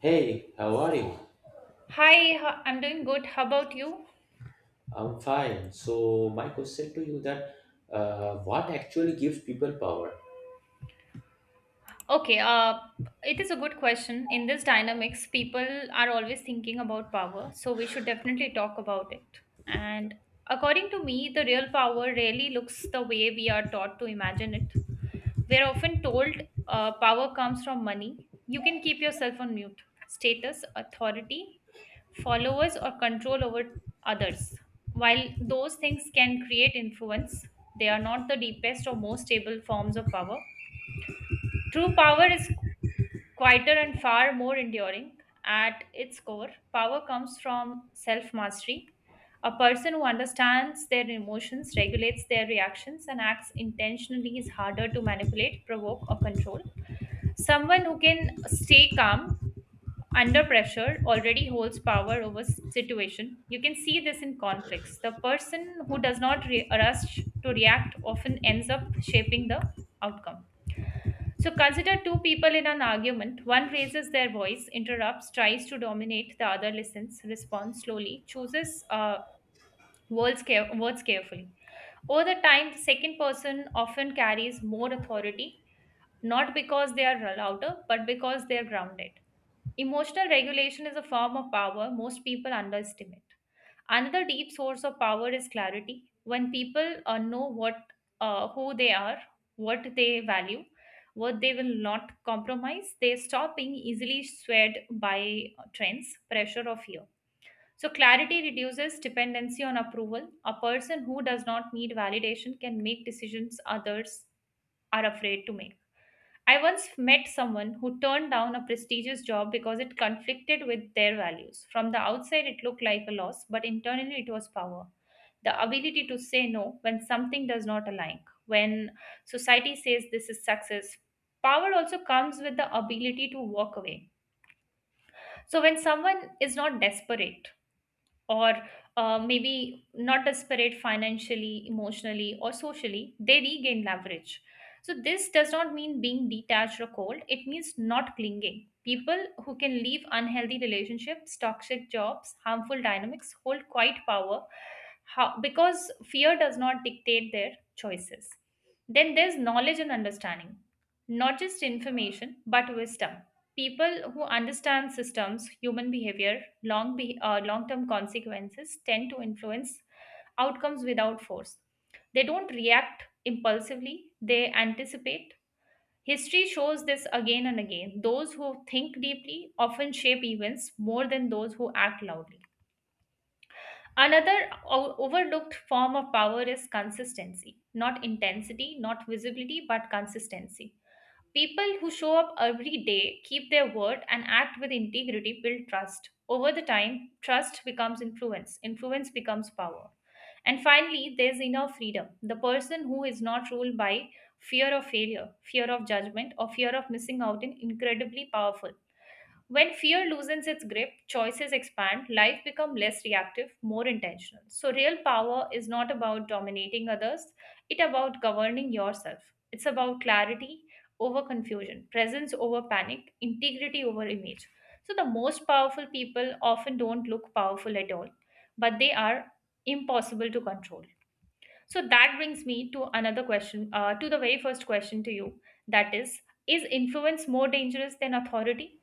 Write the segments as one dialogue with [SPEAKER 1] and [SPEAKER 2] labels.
[SPEAKER 1] Hey, how are you?
[SPEAKER 2] Hi, I'm doing good. How about you?
[SPEAKER 1] I'm fine. So my question to you that what actually gives people power?
[SPEAKER 2] Okay, it is a good question. In this dynamics, people are always thinking about power, so we should definitely talk about it. And according to me, the real power rarely looks the way we are taught to imagine it. We're often told power comes from money. You can keep yourself on mute. Status, authority, followers, or control over others. While those things can create influence, they are not the deepest or most stable forms of power. True power is quieter and far more enduring. At its core, power comes from self mastery. A person who understands their emotions, regulates their reactions, and acts intentionally is harder to manipulate, provoke, or control. Someone who can stay calm under pressure already holds power over situation. You can see this in conflicts. The person who does not rush to react often ends up shaping the outcome. So consider two people in an argument. One raises their voice, interrupts, tries to dominate. The other listens, responds slowly, chooses words carefully. Over the time, the second person often carries more authority, not because they are louder but because they are grounded. Emotional regulation is a form of power most people underestimate. Another deep source of power is clarity. When people know what who they are, what they value, what they will not compromise, they stop being easily swayed by trends, pressure, or fear. So, clarity reduces dependency on approval. A person who does not need validation can make decisions others are afraid to make. I once met someone who turned down a prestigious job because it conflicted with their values. From the outside, it looked like a loss, but internally, it was power. The ability to say no when something does not align, when society says this is success. Power also comes with the ability to walk away. So, when someone is not desperate, or maybe not desperate financially, emotionally, or socially, they regain leverage. So, this does not mean being detached or cold, it means not clinging. People who can leave unhealthy relationships, toxic jobs, harmful dynamics hold quite power, how, because fear does not dictate their choices. Then there's knowledge and understanding, not just information, but wisdom. People who understand systems, human behavior, long-term consequences tend to influence outcomes without force. They don't react impulsively, they anticipate. History shows this again and again. Those who think deeply often shape events more than those who act loudly. Another overlooked form of power is consistency, not intensity, not visibility, but consistency. People who show up every day, keep their word, and act with integrity build trust. Over the time, trust becomes influence, influence becomes power. And finally, there's inner freedom. The person who is not ruled by fear of failure, fear of judgment, or fear of missing out is incredibly powerful. When fear loosens its grip, choices expand, life becomes less reactive, more intentional. So real power is not about dominating others, it about governing yourself. It's about clarity over confusion, presence over panic, integrity over image. So the most powerful people often don't look powerful at all, but they are impossible to control. So that brings me to another question, to the very first question to you, that is influence more dangerous than authority?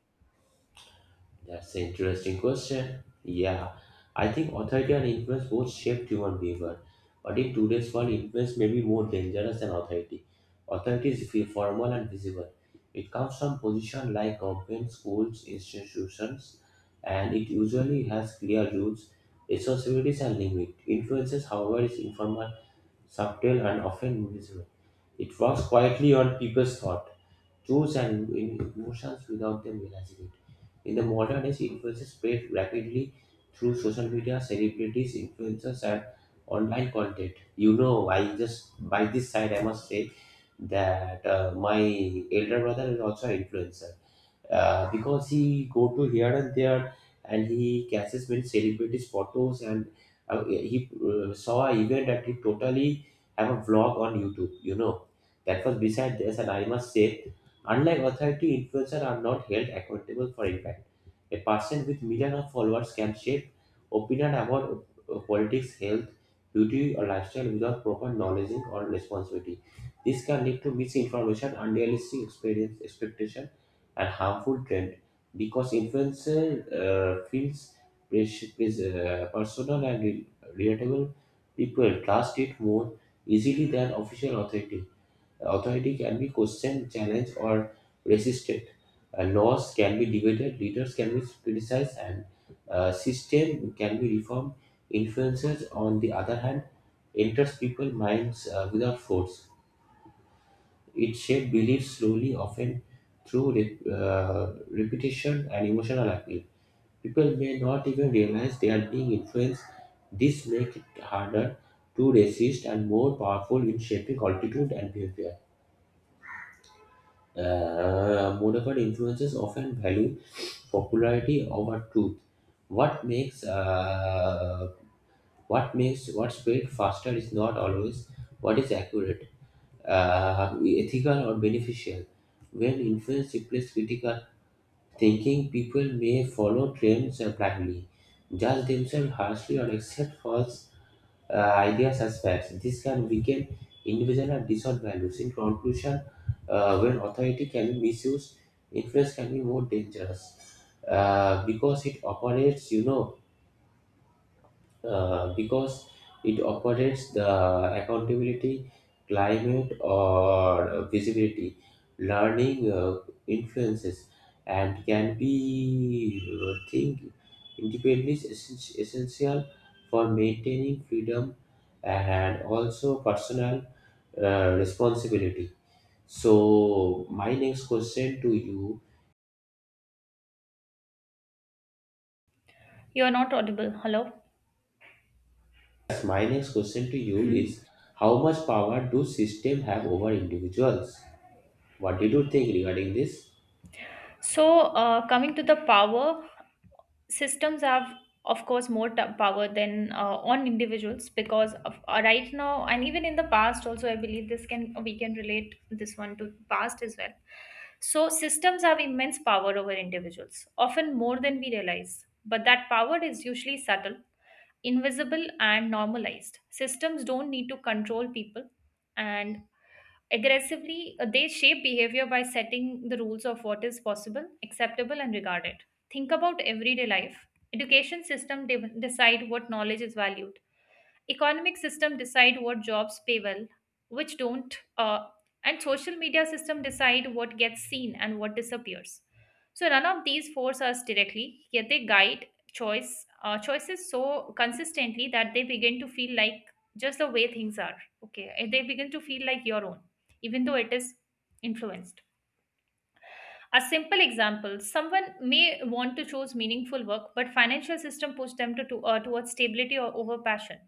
[SPEAKER 1] That's an interesting question. Yeah, I think authority and influence both shape human behavior, but in today's world, influence may be more dangerous than authority. Authority is formal and visible. It comes from position like government, schools, institutions, and it usually has clear rules, responsibilities, and limits. Influences, however, is informal, subtle, and often invisible. It works quietly on people's thoughts and in emotions without them realizing it. In the modern age, influences spread rapidly through social media, celebrities, influencers, and online content. You know, I just by this side, I must say that my elder brother is also an influencer because he go to here and there, and he catches many celebrities photos, and he saw an event that he totally have a vlog on YouTube, you know. That was beside this, and I must say unlike authority, influencers are not held accountable for impact. A person with millions of followers can shape opinion about politics, health, beauty, or lifestyle without proper knowledge or responsibility. This can lead to misinformation, unrealistic experience expectation, and harmful trend because influencer feels personal and relatable. People trust it more easily than official authority. Authority can be questioned, challenged, or resisted. Laws can be debated, leaders can be criticized, and system can be reformed. Influencers, on the other hand, enters people's minds without force. It shaped beliefs slowly, often through repetition and emotional appeal. People may not even realize they are being influenced. This makes it harder to resist and more powerful in shaping altitude and behavior. Modified influences often value popularity over truth. What makes uh, what makes what spread faster is not always what is accurate, ethical or beneficial. When influence replaces critical thinking, people may follow trends blindly, judge themselves harshly, or accept false uh, ideas as facts. This can weaken individual and distort values. In conclusion, when authority can be misused, influence can be more dangerous because it operates, you know, because it operates the accountability, climate, or visibility, learning influences, and can be think independence is essential for maintaining freedom and also personal responsibility. So my next question to you,
[SPEAKER 2] You are not audible. Hello.
[SPEAKER 1] yes, my next question to you is how much power do system have over individuals? What did you think regarding this?
[SPEAKER 2] So, coming to the power, systems have, of course, more power than on individuals because of, right now, and even in the past, also, I believe this can we can relate this one to past as well. So, systems have immense power over individuals, often more than we realize. But that power is usually subtle, invisible and normalized. Systems don't need to control people and aggressively, they shape behavior by setting the rules of what is possible, acceptable and regarded. Think about everyday life. Education system decide what knowledge is valued, economic system decide what jobs pay well, which don't, and social media system decide what gets seen and what disappears. So none of these force us directly, yet they guide choices so consistently that they begin to feel like just the way things are. Okay, and they begin to feel like your own, even though it is influenced. A simple example: someone may want to choose meaningful work, but financial system push them to towards stability or over passion.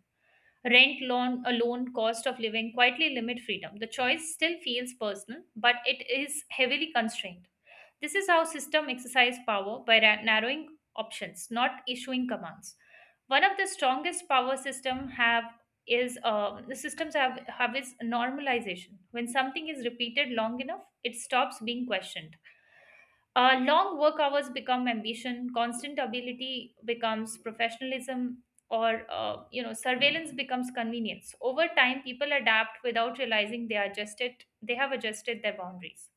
[SPEAKER 2] Rent, a loan, cost of living quietly limit freedom. The choice still feels personal, but it is heavily constrained. This is how system exercise power by narrowing options, not issuing commands. One of the strongest power system have is the systems have is normalization. When something is repeated long enough, it stops being questioned. Long work hours become ambition, constant ability becomes professionalism, or surveillance becomes convenience. Over time, people adapt without realizing they are adjusted. They have adjusted their boundaries.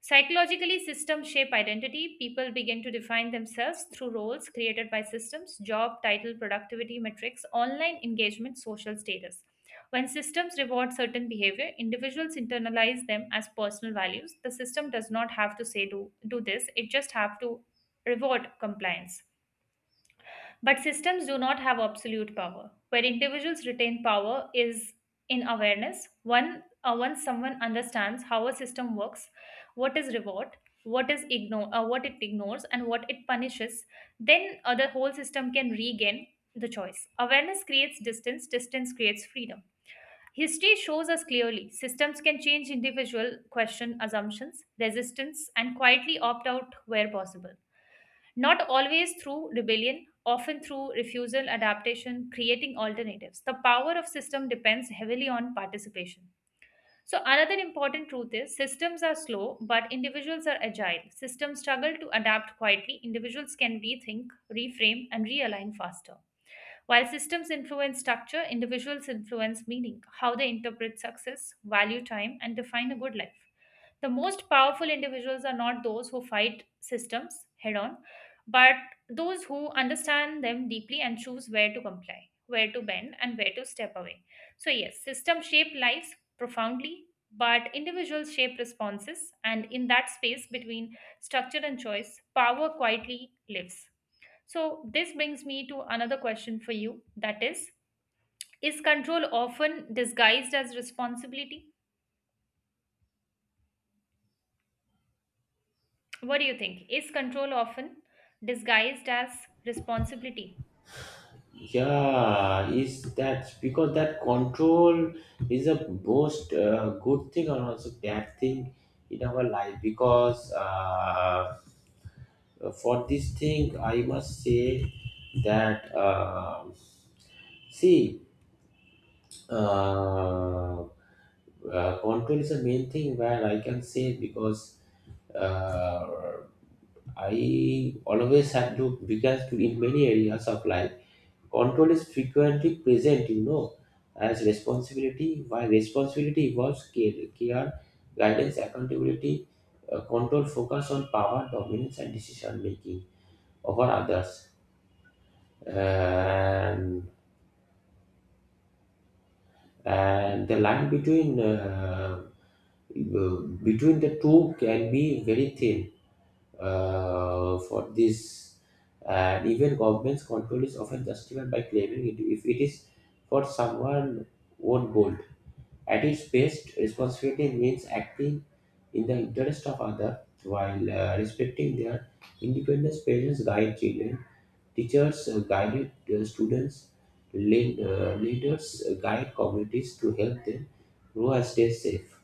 [SPEAKER 2] Psychologically, systems shape identity. People begin to define themselves through roles created by systems, job title, productivity metrics, online engagement, social status. When systems reward certain behavior, individuals internalize them as personal values. The system does not have to say do this, it just have to reward compliance. But systems do not have absolute power. Where individuals retain power is in awareness. Once someone understands how a system works, what is reward, what it ignores, and what it punishes, then the whole system can regain the choice. Awareness creates distance, distance creates freedom. History shows us clearly systems can change individual question assumptions, resistance, and quietly opt out where possible. Not always through rebellion, often through refusal, adaptation, creating alternatives. The power of system depends heavily on participation. So another important truth is systems are slow, but individuals are agile. Systems struggle to adapt quietly. Individuals can rethink, reframe, and realign faster. While systems influence structure, individuals influence meaning, how they interpret success, value time, and define a good life. The most powerful individuals are not those who fight systems head on, but those who understand them deeply and choose where to comply, where to bend, and where to step away. So yes, systems shape lives profoundly, but individuals shape responses, and in that space between structure and choice, power quietly lives. So this brings me to another question for you, that is control often disguised as responsibility? What do you think? Is control often disguised as responsibility?
[SPEAKER 1] Yeah, is that because that control is a most good thing and also bad thing in our life because for this thing I must say that see uh, control is the main thing where I can say because uh, I always have to because in many areas of life control is frequently present, you know, as responsibility, while responsibility involves care, guidance, accountability, control focus on power, dominance, and decision making over others. And, and the line between uh, between the two can be very thin for this. And even government's control is often justified by claiming it if it is for someone own goal. At its best, responsibility means acting in the interest of others while respecting their independence. Parents guide children, teachers guide students, leaders guide communities to help them grow and stay safe.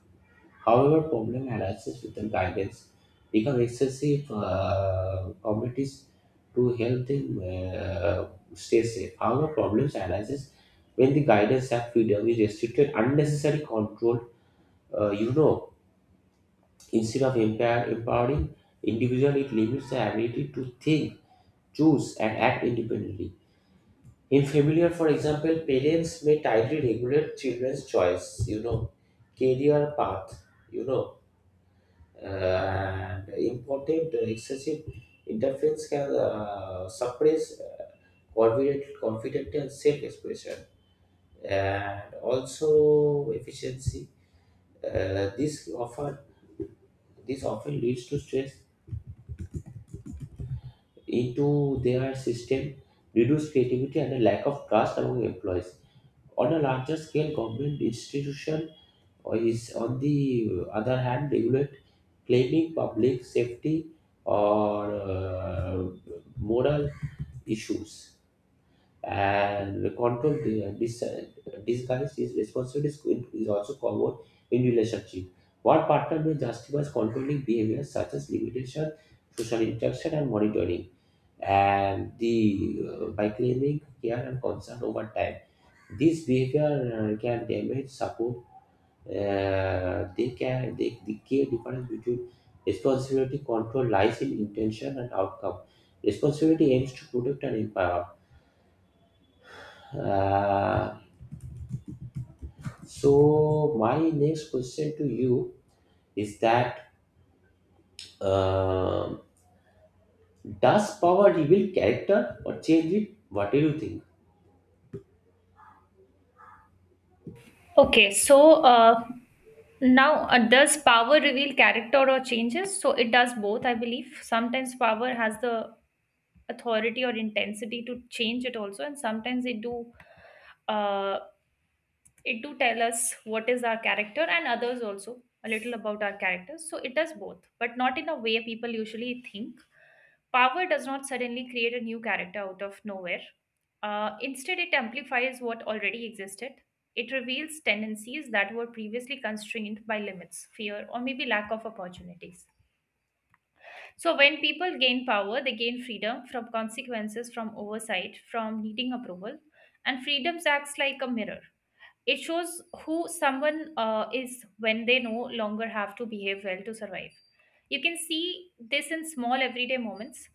[SPEAKER 1] However, problem arises with the guidance become excessive communities to help them stay safe. However, problems arises when the guidance have freedom is restricted unnecessary control, you know, instead of empowering individual, it limits the ability to think, choose, and act independently. In familiar, for example, parents may tightly regulate children's choice, you know, career path, you know, uh, and important excessive interference can suppress confident and self-expression, and also efficiency. Uh, this often this often leads to stress into their system, reduce creativity and a lack of trust among employees. On a larger scale, government institution is on the other hand regulate claiming public safety or moral issues, and the control the, dis disguise is responsibility is also covered in relationship. One partner may justify controlling behavior such as limitation, social interaction, and monitoring, and the by claiming care and concern over time. This behavior can damage support. The key difference between responsibility control lies in intention and outcome. Responsibility aims to protect and empower. Uh, So my next question to you is that um does power reveal character or change it? What do you think?
[SPEAKER 2] Okay, so now does power reveal character or changes? So it does both, I believe. Sometimes power has the authority or intensity to change it also, and sometimes uh, it do tell us what is our character, and others also a little about our characters. So it does both, but not in a way people usually think. Power does not suddenly create a new character out of nowhere, instead it amplifies what already existed. It reveals tendencies that were previously constrained by limits, fear, or maybe lack of opportunities. So when people gain power, they gain freedom from consequences, from oversight, from needing approval, and freedoms acts like a mirror. It shows who someone is when they no longer have to behave well to survive. You can see this in small everyday moments.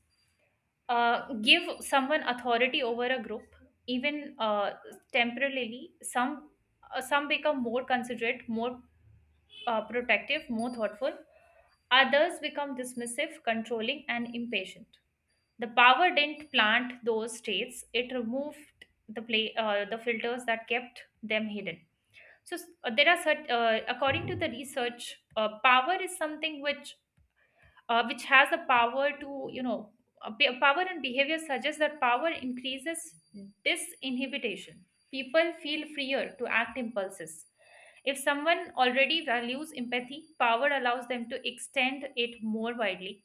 [SPEAKER 2] Give someone authority over a group, even temporarily. Some become more considerate, more protective, more thoughtful. Others become dismissive, controlling, and impatient. The power didn't plant those states; it removed the filters that kept them hidden. So according to the research, power is something which has a power to you know be- power and behavior suggests that power increases disinhibition. People feel freer to act impulses. If someone already values empathy, power allows them to extend it more widely.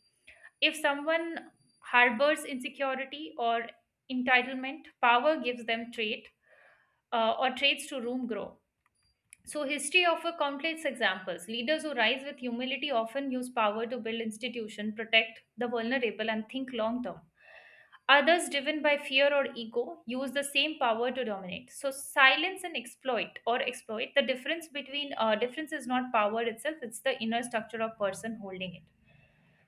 [SPEAKER 2] If someone harbors insecurity or entitlement, power gives them trait, or traits to room grow. So, history offers countless examples. Leaders who rise with humility often use power to build institutions, protect the vulnerable, and think long term. Others, driven by fear or ego, use the same power to dominate. So, silence and exploit or exploit the difference between, difference is not power itself; it's the inner structure of person holding it.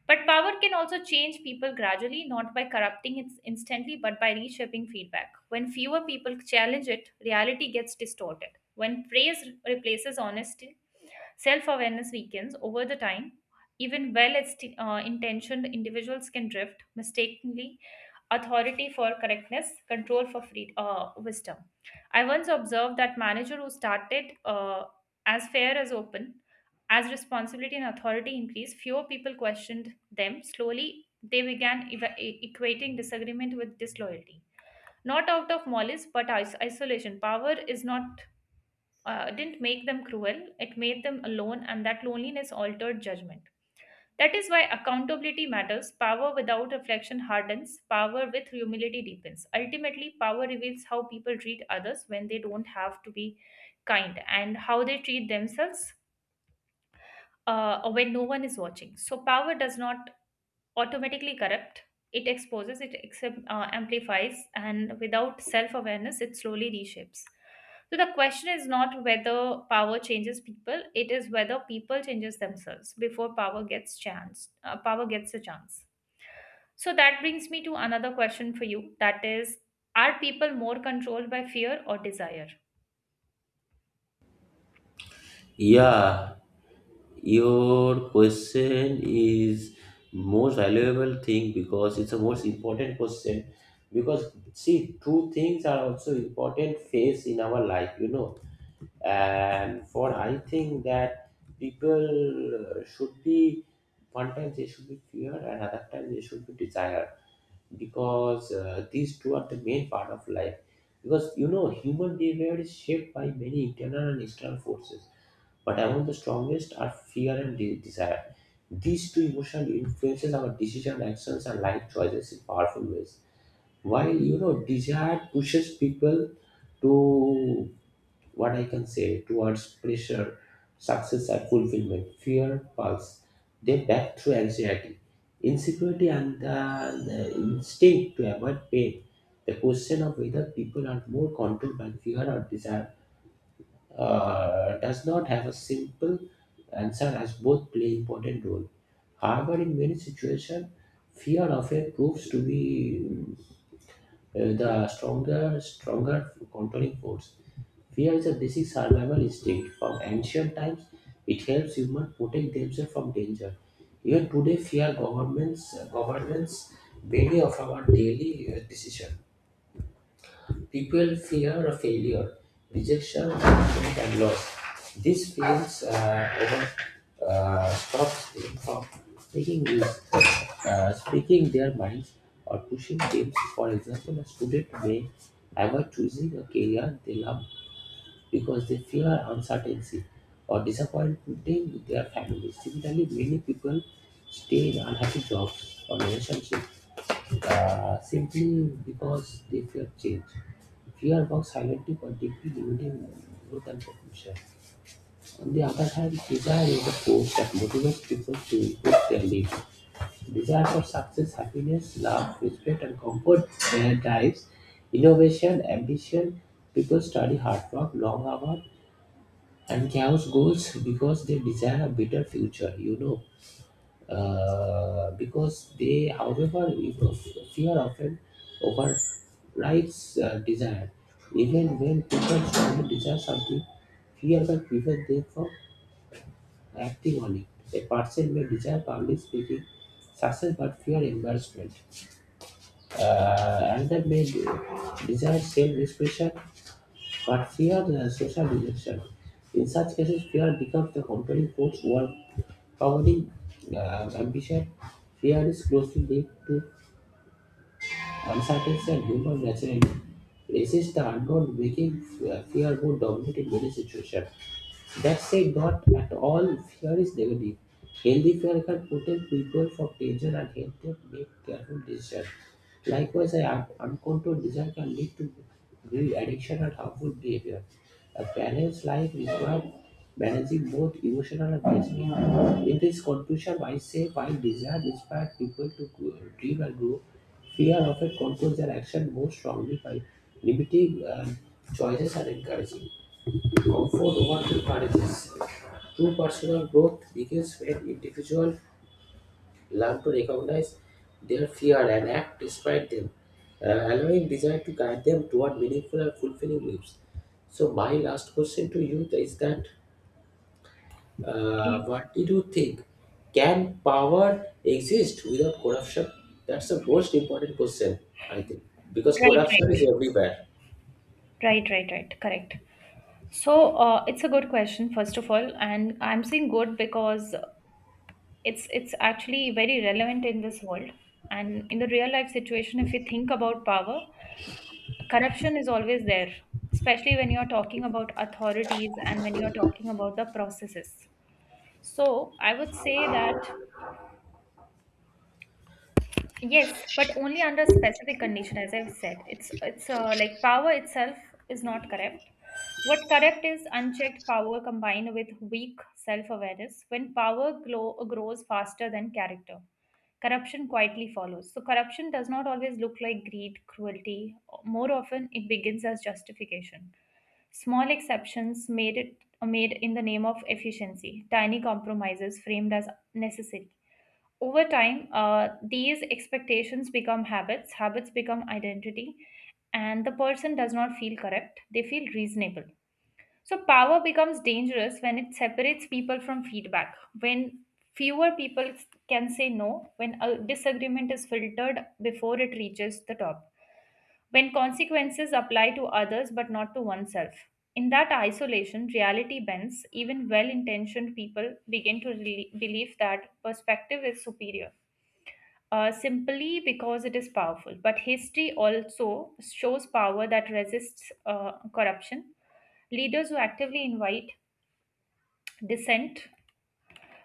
[SPEAKER 2] But power can also change people gradually, not by corrupting it instantly, but by reshaping feedback. When fewer people challenge it, reality gets distorted. When praise replaces honesty, self awareness weakens over the time. Even intentioned individuals can drift, mistakenly authority for correctness, control for wisdom. I once observed that manager who started as fair as open, as responsibility and authority increased, fewer people questioned them. Slowly, they began equating disagreement with disloyalty. Not out of malice, but isolation. Power is not. Didn't make them cruel, it made them alone, and that loneliness altered judgment. That is why accountability matters. Power without reflection hardens, power with humility deepens. Ultimately, power reveals how people treat others when they don't have to be kind and how they treat themselves when no one is watching. So, power does not automatically corrupt. It exposes, it amplifies, and without self awareness, it slowly reshapes. So the question is not whether power changes people; it is whether people changes themselves before power gets a chance. So that brings me to another question for you. That is, are people more controlled by fear or desire?
[SPEAKER 1] Yeah, your question is most valuable thing because it's a most important question. Because see, two things are also important phase in our life, you know. And for I think that people should be one time they should be fear and other time they should be desire because these two are the main part of life because you know human behavior is shaped by many internal and external forces, but among the strongest are fear and desire. These two emotions influences our decision actions and life choices in powerful ways, while you know desire pushes people to what I can say towards pressure, success, and fulfillment, fear, pulse. They back through anxiety, insecurity, and the instinct to avoid pain. The question of whether people are more controlled by fear or desire does not have a simple answer, as both play important role. However, in many situations, fear often proves to be stronger controlling force. Fear is a basic survival instinct from ancient times. It helps humans protect themselves from danger. Even today, fear governments many of our daily decisions. People fear a failure, rejection, judgment, and loss. These fears often stops them from taking risks, speaking their minds, or pushing dreams. For example, a student may avoid choosing a career they love because they fear uncertainty or disappointing their families. Similarly, many people stay in unhappy jobs or relationships simply because they fear change. Fear works silently but deeply, limiting growth and potential. On the other hand, desire is the force that motivates people to improve their lives. Desire for success, happiness, love, respect, and comfort drives innovation, ambition. People study hard work, long hours, and chaos goals because they desire a better future. You know, however, fear often overrides desire. Even when people strongly desire something, fear can prevent them from acting on it. A person may desire public speaking success but fear embarrassment. Another may desire self-expression but fear social rejection. In such cases, fear becomes the compelling force overpowering ambition. Fear is closely linked to uncertainty, and human nature resist the unknown, making fear more dominant in many situations. That said, not at all fear is negative. Healthy fear can protect people from danger and help them make careful decisions. Likewise, an uncontrolled desire can lead to greed, addiction, and harmful behavior. A balanced life requires managing both emotional and physical. In this conclusion, I say while desire inspires people to dream and grow, fear often controls their action more strongly by limiting choices and encouraging. Comfort over encourages true personal growth begins when individuals learn to recognize their fear and act despite them, allowing desire to guide them toward meaningful and fulfilling lives. So, my last question to you is that
[SPEAKER 2] Okay.
[SPEAKER 1] what did you think? Can power exist without corruption? That's the most important question, I think, because
[SPEAKER 2] Right,
[SPEAKER 1] corruption
[SPEAKER 2] right,
[SPEAKER 1] is everywhere.
[SPEAKER 2] right, right, right. Correct. So it's a good question, first of all, and I'm saying good because it's actually very relevant in this world and in the real life situation. If you think about power, corruption is always there, especially when you're talking about authorities and when you're talking about the processes. So I would say that yes, but only under specific condition, as I've said. It's like power itself is not corrupt. What corrupt is unchecked power combined with weak self-awareness. When grows faster than character, corruption quietly follows. So corruption does not always look like greed, cruelty. More often, it begins as justification. Small exceptions made it made in the name of efficiency. Tiny compromises framed as necessary over time, these expectations become habits, habits become identity, and the person does not feel correct, they feel reasonable. So, power becomes dangerous when it separates people from feedback, when fewer people can say no, when a disagreement is filtered before it reaches the top, when consequences apply to others but not to oneself. In that isolation, reality bends. Even well intentioned people begin to believe that perspective is superior simply because it is powerful. But history also shows power that resists corruption. Leaders who actively invite dissent,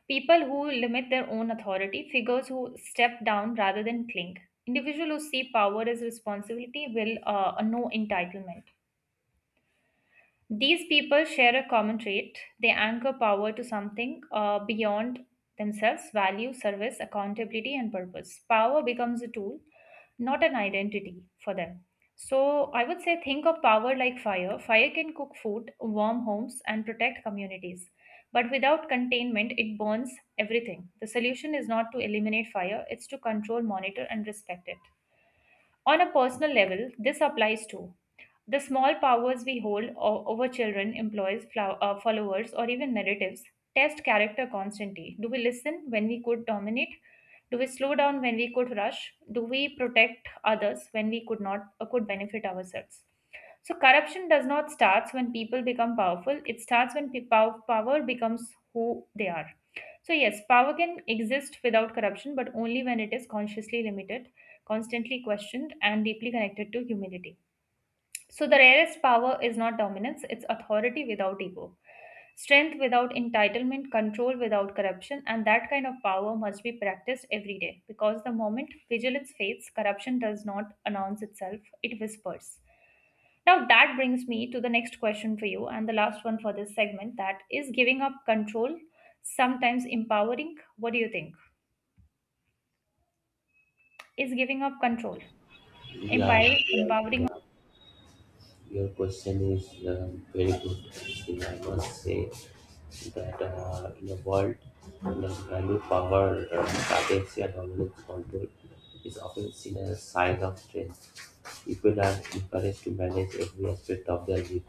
[SPEAKER 2] people who limit their own authority, figures who step down rather than cling. Individuals who see power as responsibility will know entitlement. These people share a common trait. They anchor power to something beyond themselves value, service, accountability, and purpose. Power becomes a tool, not an identity for them. So, I would say think of power like fire. Fire can cook food, warm homes, and protect communities. But without containment, it burns everything. The solution is not to eliminate fire, it's to control, monitor, and respect it. On a personal level, this applies too. The small powers we hold over children, employees, followers, or even narratives test character constantly. Do we listen when we could dominate? Do we slow down when we could rush? Do we protect others when we could not could benefit ourselves? So corruption does not starts when people become powerful. It starts when power becomes who they are. So yes, power can exist without corruption, but only when it is consciously limited, constantly questioned, and deeply connected to humility. So the rarest power is not dominance; it's authority without ego, strength without entitlement, control without corruption, and that kind of power must be practiced every day. Because the moment vigilance fades, corruption does not announce itself; it whispers. Now, that brings me to the next question for you, and the last one for this segment. That is, giving up control sometimes empowering? What do you think? Is giving up control
[SPEAKER 1] Yeah, yeah,
[SPEAKER 2] empowering?
[SPEAKER 1] yeah. Your question is very good. Still, I must say that in a world where value, power, strategy, and dominance control is often seen as a sign of strength. People are encouraged to manage every aspect of their life,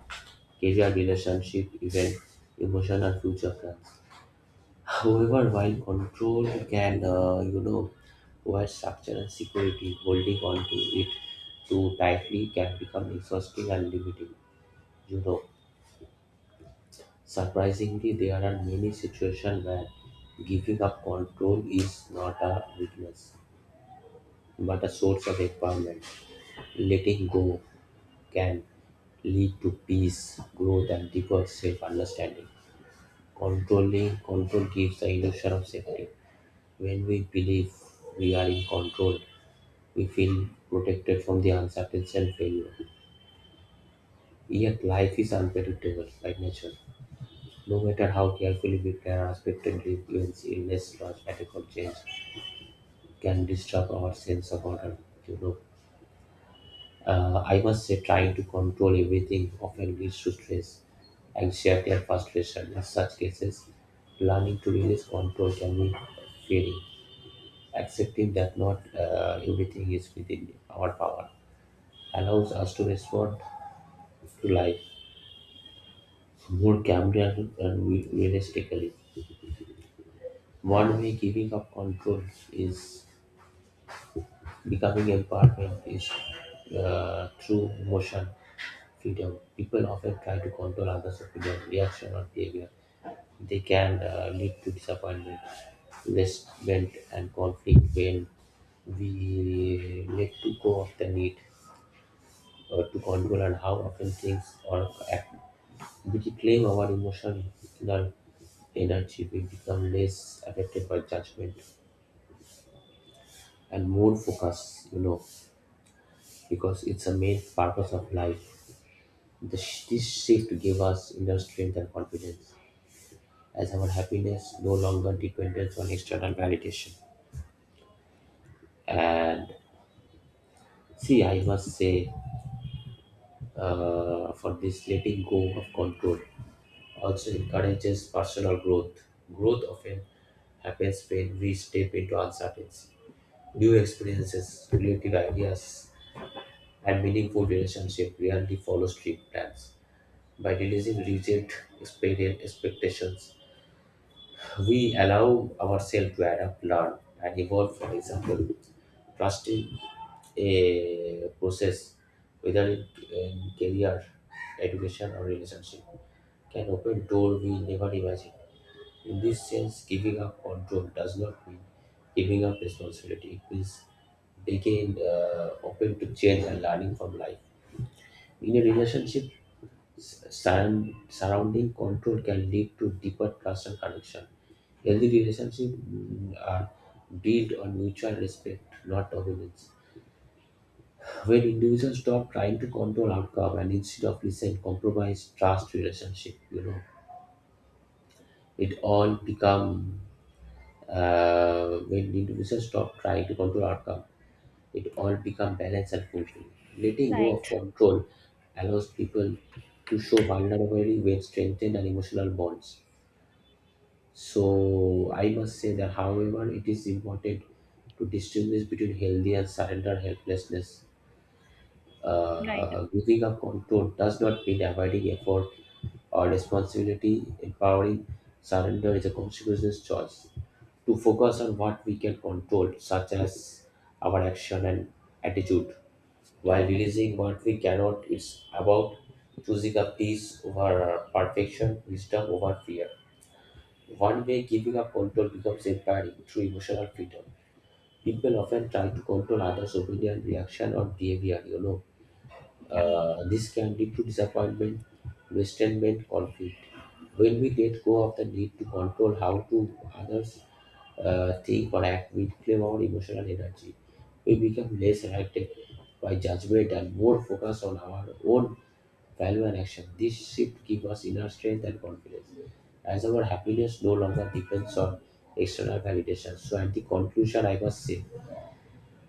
[SPEAKER 1] career, relationship, even emotion and future plans. However, while control can, you know, provide structure and security, holding on to it too tightly can become exhausting and limiting. You know, surprisingly, there are many situations where giving up control is not a weakness, but a source of empowerment. Letting go can lead to peace, growth, and deeper self understanding. Controlling control gives the illusion of safety. When we believe we are in control, we feel protected from the uncertainty and failure. Yet life is unpredictable by nature. No matter how carefully we plan, unexpectedly events in less large radical change can disrupt our sense of order. You know, I must say, trying to control everything often leads to stress, anxiety, and frustration. In such cases, learning to release control can be freeing. Accepting that not everything is within our power allows us to respond to life more calmly and realistically. One way giving up control is becoming empowerment is true emotion freedom. People often try to control others' opinion, reaction, or behavior. They can lead to disappointment, resentment, and conflict when we let to go of the need to control and how often things or act. We reclaim our emotional energy, we become less affected by judgment and more focused, you know, because it's a main purpose of life. This shift gave us inner strength and confidence, as our happiness no longer depends on external validation. And see, I must say, for this letting go of control also encourages personal growth. Growth often happens when we step into uncertainty. New experiences, creative ideas, and meaningful relationship rarely follow strict plans. By releasing rigid expectations, we allow ourselves to adapt, learn, and evolve. For example, trusting a process, whether it in career, education, or relationship, can open door we never imagined. In this sense, giving up control does not mean giving up responsibility. It means being open to change and learning from life. In a relationship, surrounding control can lead to deeper trust and connection. Healthy relationships are built on mutual respect, not dominance. When individuals stop trying to control outcome and instead of listen, compromise, trust relationship, you know, it all become when individuals stop trying to control outcome, it all become balanced and fulfilling. Letting go
[SPEAKER 2] Right,
[SPEAKER 1] of control allows people to show vulnerability when strengthened and emotional bonds. So I must say that, however, it is important to distinguish between healthy and surrender helplessness.
[SPEAKER 2] right,
[SPEAKER 1] Giving up control does not mean avoiding effort or responsibility. Empowering surrender is a consequences choice to focus on what we can control, such as our action and attitude, while
[SPEAKER 2] right.
[SPEAKER 1] releasing what we cannot. It's about choosing a peace over perfection, wisdom over fear. One way giving up control becomes empowering through emotional freedom. People often try to control others' opinion, reaction, or behavior. You know,
[SPEAKER 2] Yeah,
[SPEAKER 1] this can lead to disappointment, resentment, conflict. When we let go of the need to control how to others think or act, we reclaim our emotional energy. We become less affected by judgment and more focused on our own value and action. This shift gives us inner strength and confidence, as our happiness no longer depends on external validation. So, at the conclusion, I must say,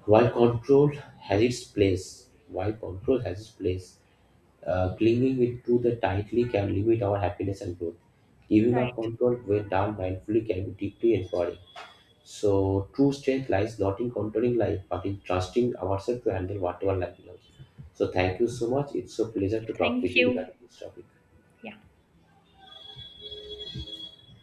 [SPEAKER 1] while control while control has its place, clinging it to the tightly can limit our happiness and growth. Giving up
[SPEAKER 2] right.
[SPEAKER 1] control when done mindfully can be deeply empowering. So, true strength lies not in controlling life, but in trusting ourselves to handle whatever life belongs. So, thank you so much. It's a pleasure to talk
[SPEAKER 2] Thank
[SPEAKER 1] with you
[SPEAKER 2] you.
[SPEAKER 1] regarding this topic.
[SPEAKER 2] Yeah.